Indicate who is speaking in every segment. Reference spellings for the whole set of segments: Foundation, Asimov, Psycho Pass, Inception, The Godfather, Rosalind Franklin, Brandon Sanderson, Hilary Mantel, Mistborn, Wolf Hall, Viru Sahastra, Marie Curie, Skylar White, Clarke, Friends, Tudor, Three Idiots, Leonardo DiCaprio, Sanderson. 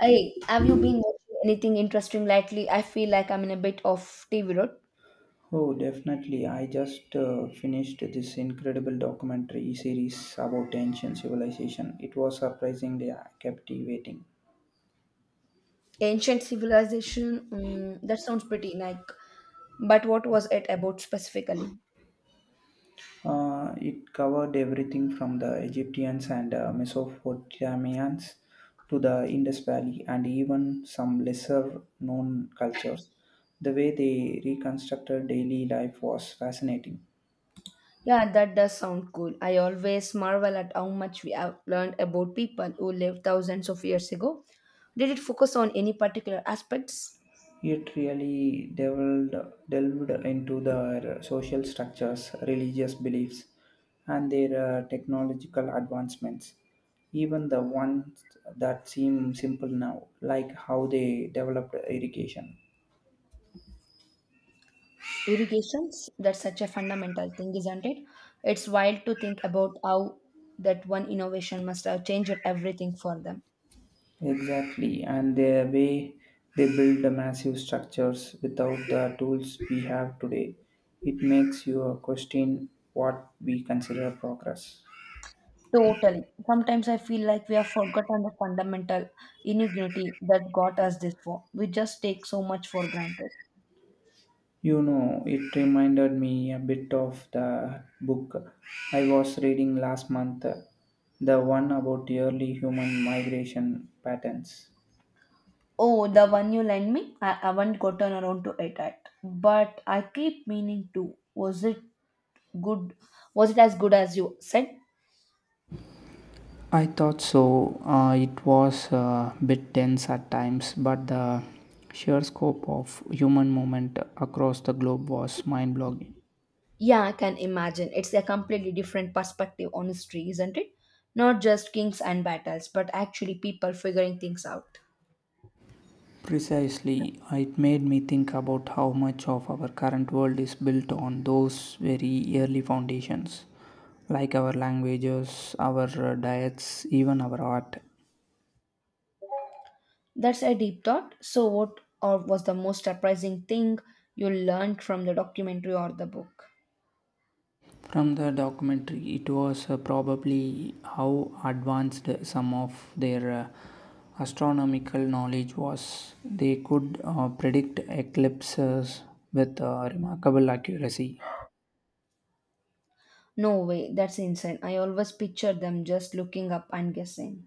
Speaker 1: Hey, have you been watching anything interesting lately? I feel like I'm in a bit of TV rot.
Speaker 2: Oh, definitely. I just finished this incredible documentary series about ancient civilization. It was surprisingly captivating.
Speaker 1: Ancient civilization, that sounds pretty like. But what was it about specifically?
Speaker 2: It covered everything from the Egyptians and Mesopotamians to the Indus Valley and even some lesser known cultures. The way they reconstructed daily life was fascinating.
Speaker 1: Yeah, that does sound cool. I always marvel at how much we have learned about people who lived thousands of years ago. Did it focus on any particular aspects?
Speaker 2: It delved into their social structures, religious beliefs, and their technological advancements, even the ones that seem simple now, like how they developed irrigation.
Speaker 1: Irrigations? That's such a fundamental thing, isn't it? It's wild to think about how that one innovation must have changed everything for them.
Speaker 2: Exactly, and the way they build the massive structures without the tools we have today, it makes you question what we consider progress.
Speaker 1: Totally. Sometimes I feel like we have forgotten the fundamental inutility that got us this far. We just take so much for granted.
Speaker 2: You know, it reminded me a bit of the book I was reading last month, the one about early human migration patterns.
Speaker 1: Oh, the one you lent me, I haven't gotten around to it yet. But I keep meaning to. Was it good? Was it as good as you said?
Speaker 2: I thought so. It was a bit dense at times, but the sheer scope of human movement across the globe was mind-blowing.
Speaker 1: Yeah, I can imagine. It's a completely different perspective on history, isn't it? Not just kings and battles, but actually people figuring things out.
Speaker 2: Precisely, it made me think about how much of our current world is built on those very early foundations, like our languages, our diets, even our art.
Speaker 1: That's a deep thought. So, what or was the most surprising thing you learned from the documentary or the book?
Speaker 2: From the documentary, it was probably how advanced some of their astronomical knowledge was. They could predict eclipses with remarkable accuracy.
Speaker 1: No way, that's insane. I always picture them just looking up and guessing.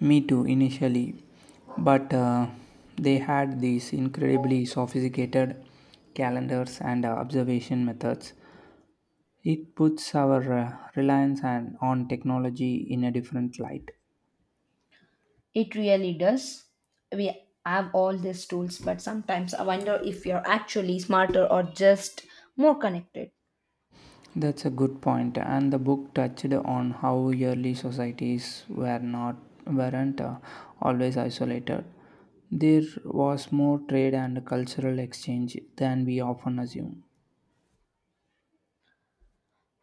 Speaker 2: Me too, initially. But they had these incredibly sophisticated calendars and observation methods. It puts our reliance on technology in a different light.
Speaker 1: It really does. We have all these tools, but sometimes I wonder if you're actually smarter or just more connected.
Speaker 2: That's a good point. And the book touched on how early societies weren't always isolated. There was more trade and cultural exchange than we often assume.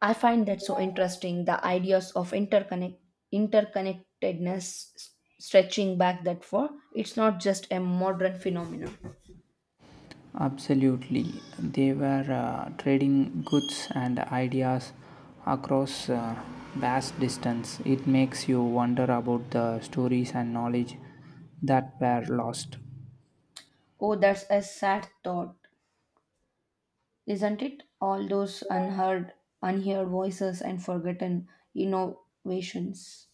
Speaker 1: I find that so interesting the ideas of interconnectedness s- stretching back that far. It's not just a modern phenomenon.
Speaker 2: Absolutely. They were trading goods and ideas across vast distance. It makes you wonder about the stories and knowledge that were lost.
Speaker 1: Oh, that's a sad thought, isn't it? All those unheard voices and forgotten innovations.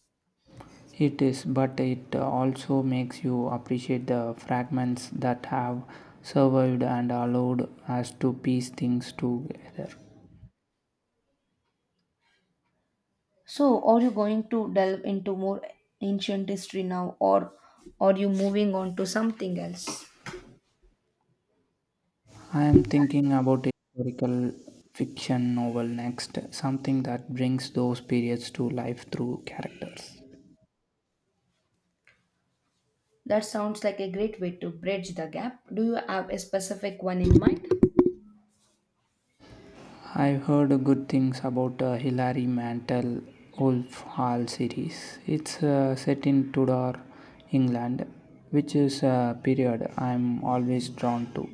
Speaker 2: It is, but it also makes you appreciate the fragments that have survived and allowed us to piece things together.
Speaker 1: So, are you going to delve into more ancient history now, or are you moving on to something else?
Speaker 2: I am thinking about historical fiction novel next, something that brings those periods to life through characters.
Speaker 1: That sounds like a great way to bridge the gap. Do you have a specific one in mind?
Speaker 2: I've heard good things about Hilary Mantel Wolf Hall series. It's set in Tudor, England, which is a period I'm always drawn to.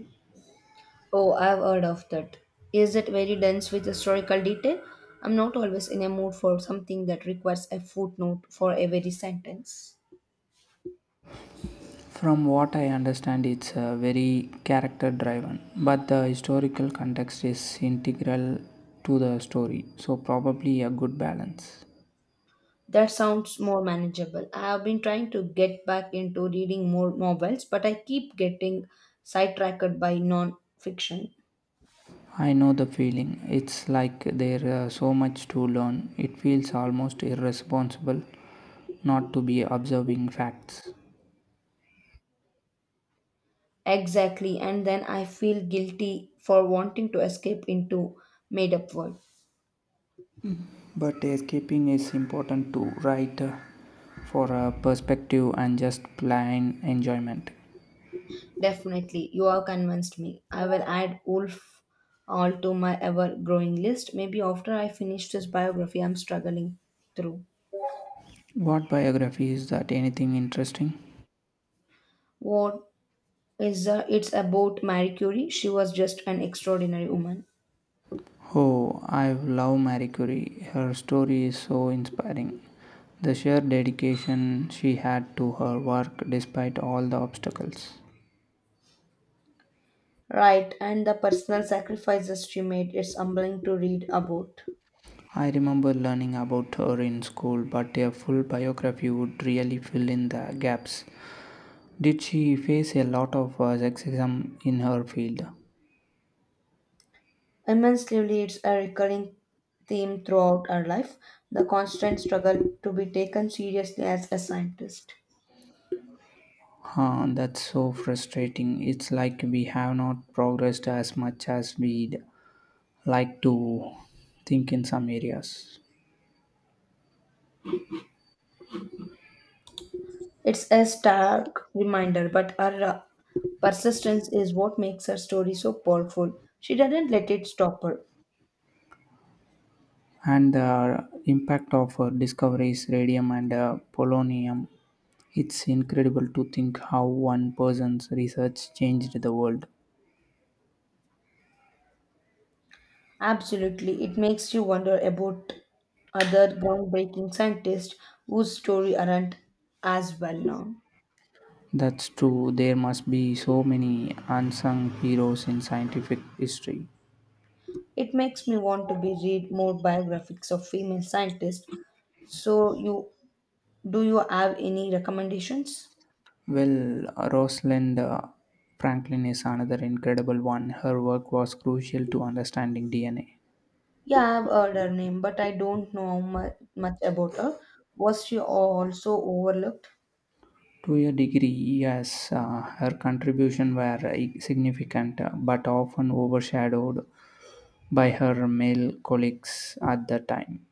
Speaker 1: Oh, I've heard of that. Is it very dense with historical detail? I'm not always in a mood for something that requires a footnote for every sentence.
Speaker 2: From what I understand, it's very character driven, but the historical context is integral to the story, so, probably a good balance.
Speaker 1: That sounds more manageable. I have been trying to get back into reading more novels, but I keep getting sidetracked by non-fiction.
Speaker 2: I know the feeling. It's like there's so much to learn. It feels almost irresponsible not to be observing facts.
Speaker 1: Exactly, and then I feel guilty for wanting to escape into made-up world.
Speaker 2: But escaping is important too, right? For a perspective and just plain enjoyment.
Speaker 1: Definitely, you have convinced me. I will add Wolf all to my ever-growing list. Maybe after I finish this biography, I'm struggling through.
Speaker 2: What biography is that? Anything interesting?
Speaker 1: What is it's about Marie Curie? She was just an extraordinary woman.
Speaker 2: Oh, I love Marie Curie. Her story is so inspiring. The sheer dedication she had to her work despite all the obstacles.
Speaker 1: Right, and the personal sacrifices she made, it's humbling to read about.
Speaker 2: I remember learning about her in school, but a full biography would really fill in the gaps. Did she face a lot of sexism in her field?
Speaker 1: Immensely, it's a recurring theme throughout her life the constant struggle to be taken seriously as a scientist.
Speaker 2: Huh, that's so frustrating. It's like we have not progressed as much as we'd like to think in some areas.
Speaker 1: It's a stark reminder, but her persistence is what makes her story so powerful. She didn't let it stop her.
Speaker 2: And the impact of her discoveries, radium and polonium, it's incredible to think how one person's research changed the world.
Speaker 1: Absolutely, it makes you wonder about other groundbreaking scientists whose story aren't as well known.
Speaker 2: That's true. There must be so many unsung heroes in scientific history.
Speaker 1: It makes me want to be read more biographies of female scientists. So you do you have any recommendations?
Speaker 2: Well, Rosalind Franklin is another incredible one. Her work was crucial to understanding DNA.
Speaker 1: Yeah, I've heard her name, but I don't know much about her. Was she also overlooked?
Speaker 2: To a degree, yes, her contribution were significant, but often overshadowed by her male colleagues at the time.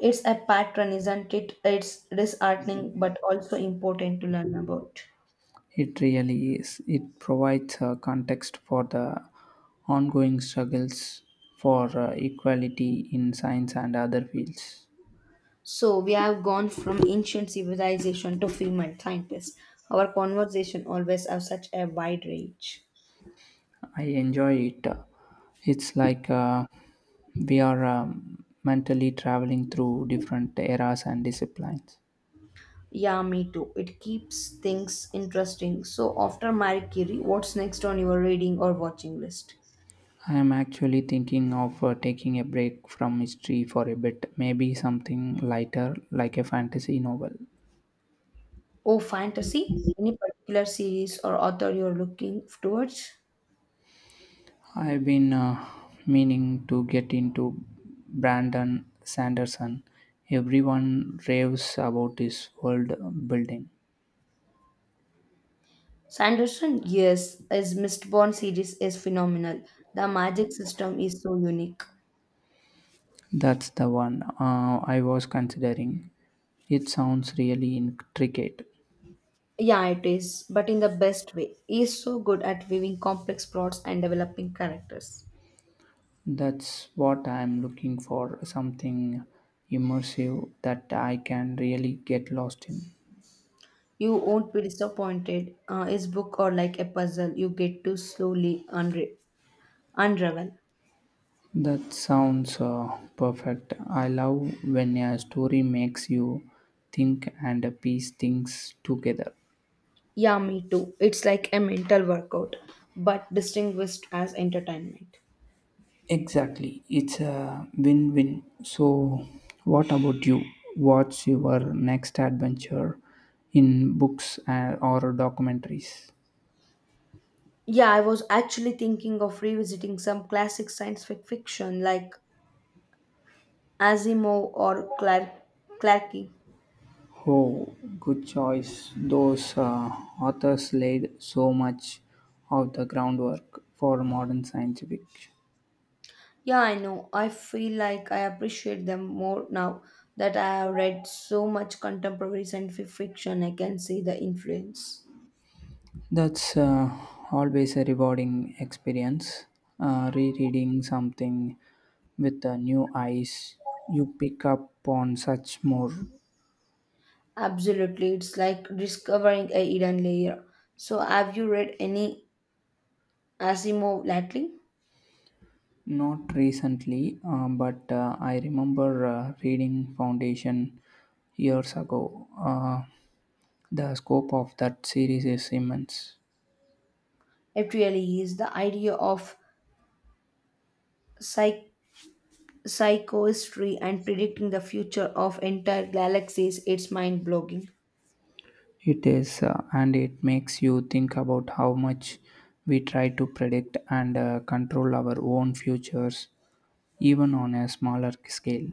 Speaker 1: It's a pattern, isn't it? It's disheartening, but also important to learn about.
Speaker 2: It really is. It provides a context for the ongoing struggles for equality in science and other fields.
Speaker 1: So we have gone from ancient civilization to female scientists. Our conversation always have such a wide range.
Speaker 2: I enjoy it. It's like we are mentally traveling through different eras and disciplines.
Speaker 1: Yeah, me too. It keeps things interesting. So, after Marie Curie, what's next on your reading or watching list?
Speaker 2: I am actually thinking of taking a break from history for a bit, maybe something lighter like a fantasy novel.
Speaker 1: Oh, fantasy? Any particular series or author you're looking towards?
Speaker 2: I've been meaning to get into Brandon Sanderson. Everyone raves about his world building.
Speaker 1: Sanderson? Yes, his Mistborn series is phenomenal. The magic system is so unique.
Speaker 2: That's the one I was considering. It sounds really intricate.
Speaker 1: Yeah, it is, but in the best way. He is so good at weaving complex plots and developing characters.
Speaker 2: That's what I'm looking for, something immersive that I can really get lost in.
Speaker 1: You won't be disappointed. His book are like a puzzle you get to slowly unravel.
Speaker 2: That sounds perfect. I love when a story makes you think and piece things together.
Speaker 1: Yeah, me too. It's like a mental workout, but distinguished as entertainment.
Speaker 2: Exactly, it's a win win. So, what about you? What's your next adventure in books and, or documentaries?
Speaker 1: Yeah, I was actually thinking of revisiting some classic fiction like Asimov or Clarke.
Speaker 2: Oh, good choice. Those authors laid so much of the groundwork for modern science fiction.
Speaker 1: Yeah, I know. I feel like I appreciate them more now that I have read so much contemporary fiction. I can see the influence.
Speaker 2: That's always a rewarding experience. Rereading something with the new eyes, you pick up on such more.
Speaker 1: Absolutely, it's like discovering a hidden layer. So, have you read any Asimov lately?
Speaker 2: Not recently, but I remember reading Foundation years ago. The scope of that series is immense.
Speaker 1: It really is the idea of psych- psychohistory and predicting the future of entire galaxies. It's mind blogging.
Speaker 2: It is, and it makes you think about how much we try to predict and control our own futures, even on a smaller scale.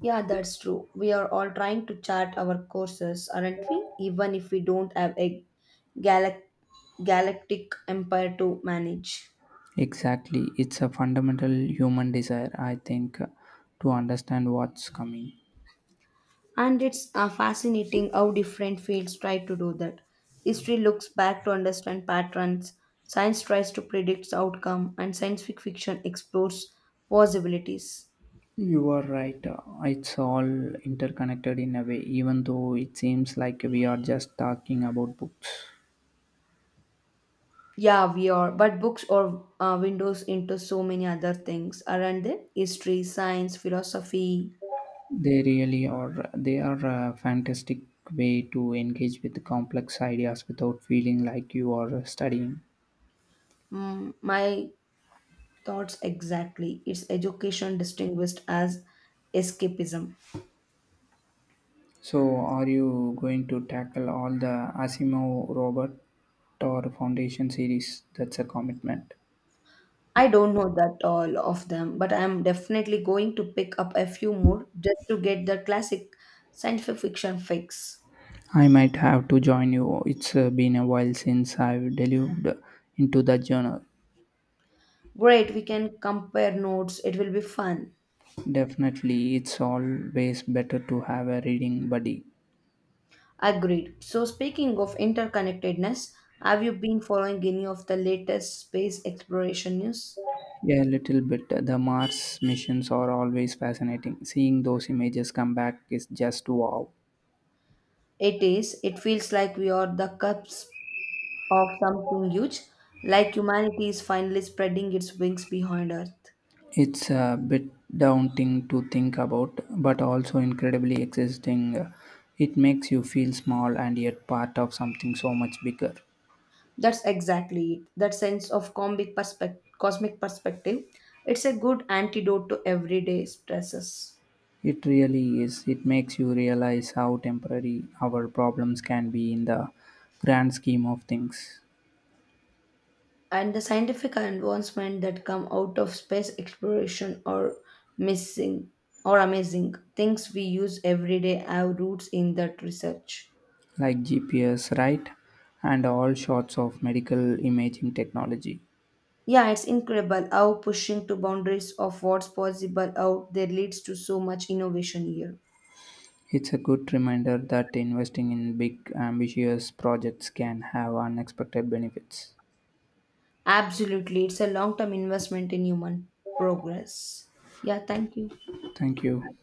Speaker 1: Yeah, that's true. We are all trying to chart our courses, aren't we? Even if we don't have a galac- galactic empire to manage.
Speaker 2: Exactly, it's a fundamental human desire, I think, to understand what's coming.
Speaker 1: And it's fascinating how different fields try to do that. History looks back to understand patterns, science tries to predict outcome, and fiction explores possibilities.
Speaker 2: You are right. It's all interconnected in a way, even though it seems like we are just talking about books.
Speaker 1: Yeah, we are. But books are windows into so many other things, aren't they? History, science, philosophy.
Speaker 2: They really are. They are a fantastic way to engage with complex ideas without feeling like you are studying.
Speaker 1: Mm, my thoughts exactly. It's education distinguished as escapism.
Speaker 2: So, are you going to tackle all the Asimov Robert or Foundation series? That's a commitment.
Speaker 1: I don't know that all of them, but I'm definitely going to pick up a few more just to get the classic science fiction fix.
Speaker 2: I might have to join you. It's been a while since I've delved into the journal.
Speaker 1: Great, we can compare notes. It will be fun.
Speaker 2: Definitely, it's always better to have a reading buddy.
Speaker 1: Agreed. So, speaking of interconnectedness, have you been following any of the latest space exploration news?
Speaker 2: Yeah, a little bit. The Mars missions are always fascinating. Seeing those images come back is just wow.
Speaker 1: It is. It feels like we are the cusp of something huge, like humanity is finally spreading its wings behind Earth.
Speaker 2: It's a bit daunting to think about, but also incredibly exciting. It makes you feel small and yet part of something so much bigger.
Speaker 1: That's exactly it. That sense of cosmic perspective. It's a good antidote to everyday stresses.
Speaker 2: It really is. It makes you realize how temporary our problems can be in the grand scheme of things.
Speaker 1: And the scientific advancement that come out of space exploration are missing or amazing things we use every day have roots in that research.
Speaker 2: Like GPS, right? And all sorts of medical imaging technology.
Speaker 1: Yeah, it's incredible how pushing to boundaries of what's possible out there leads to so much innovation here.
Speaker 2: It's a good reminder that investing in big, ambitious projects can have unexpected benefits.
Speaker 1: Absolutely, it's a long-term investment in human progress. Yeah, thank you.
Speaker 2: Thank you.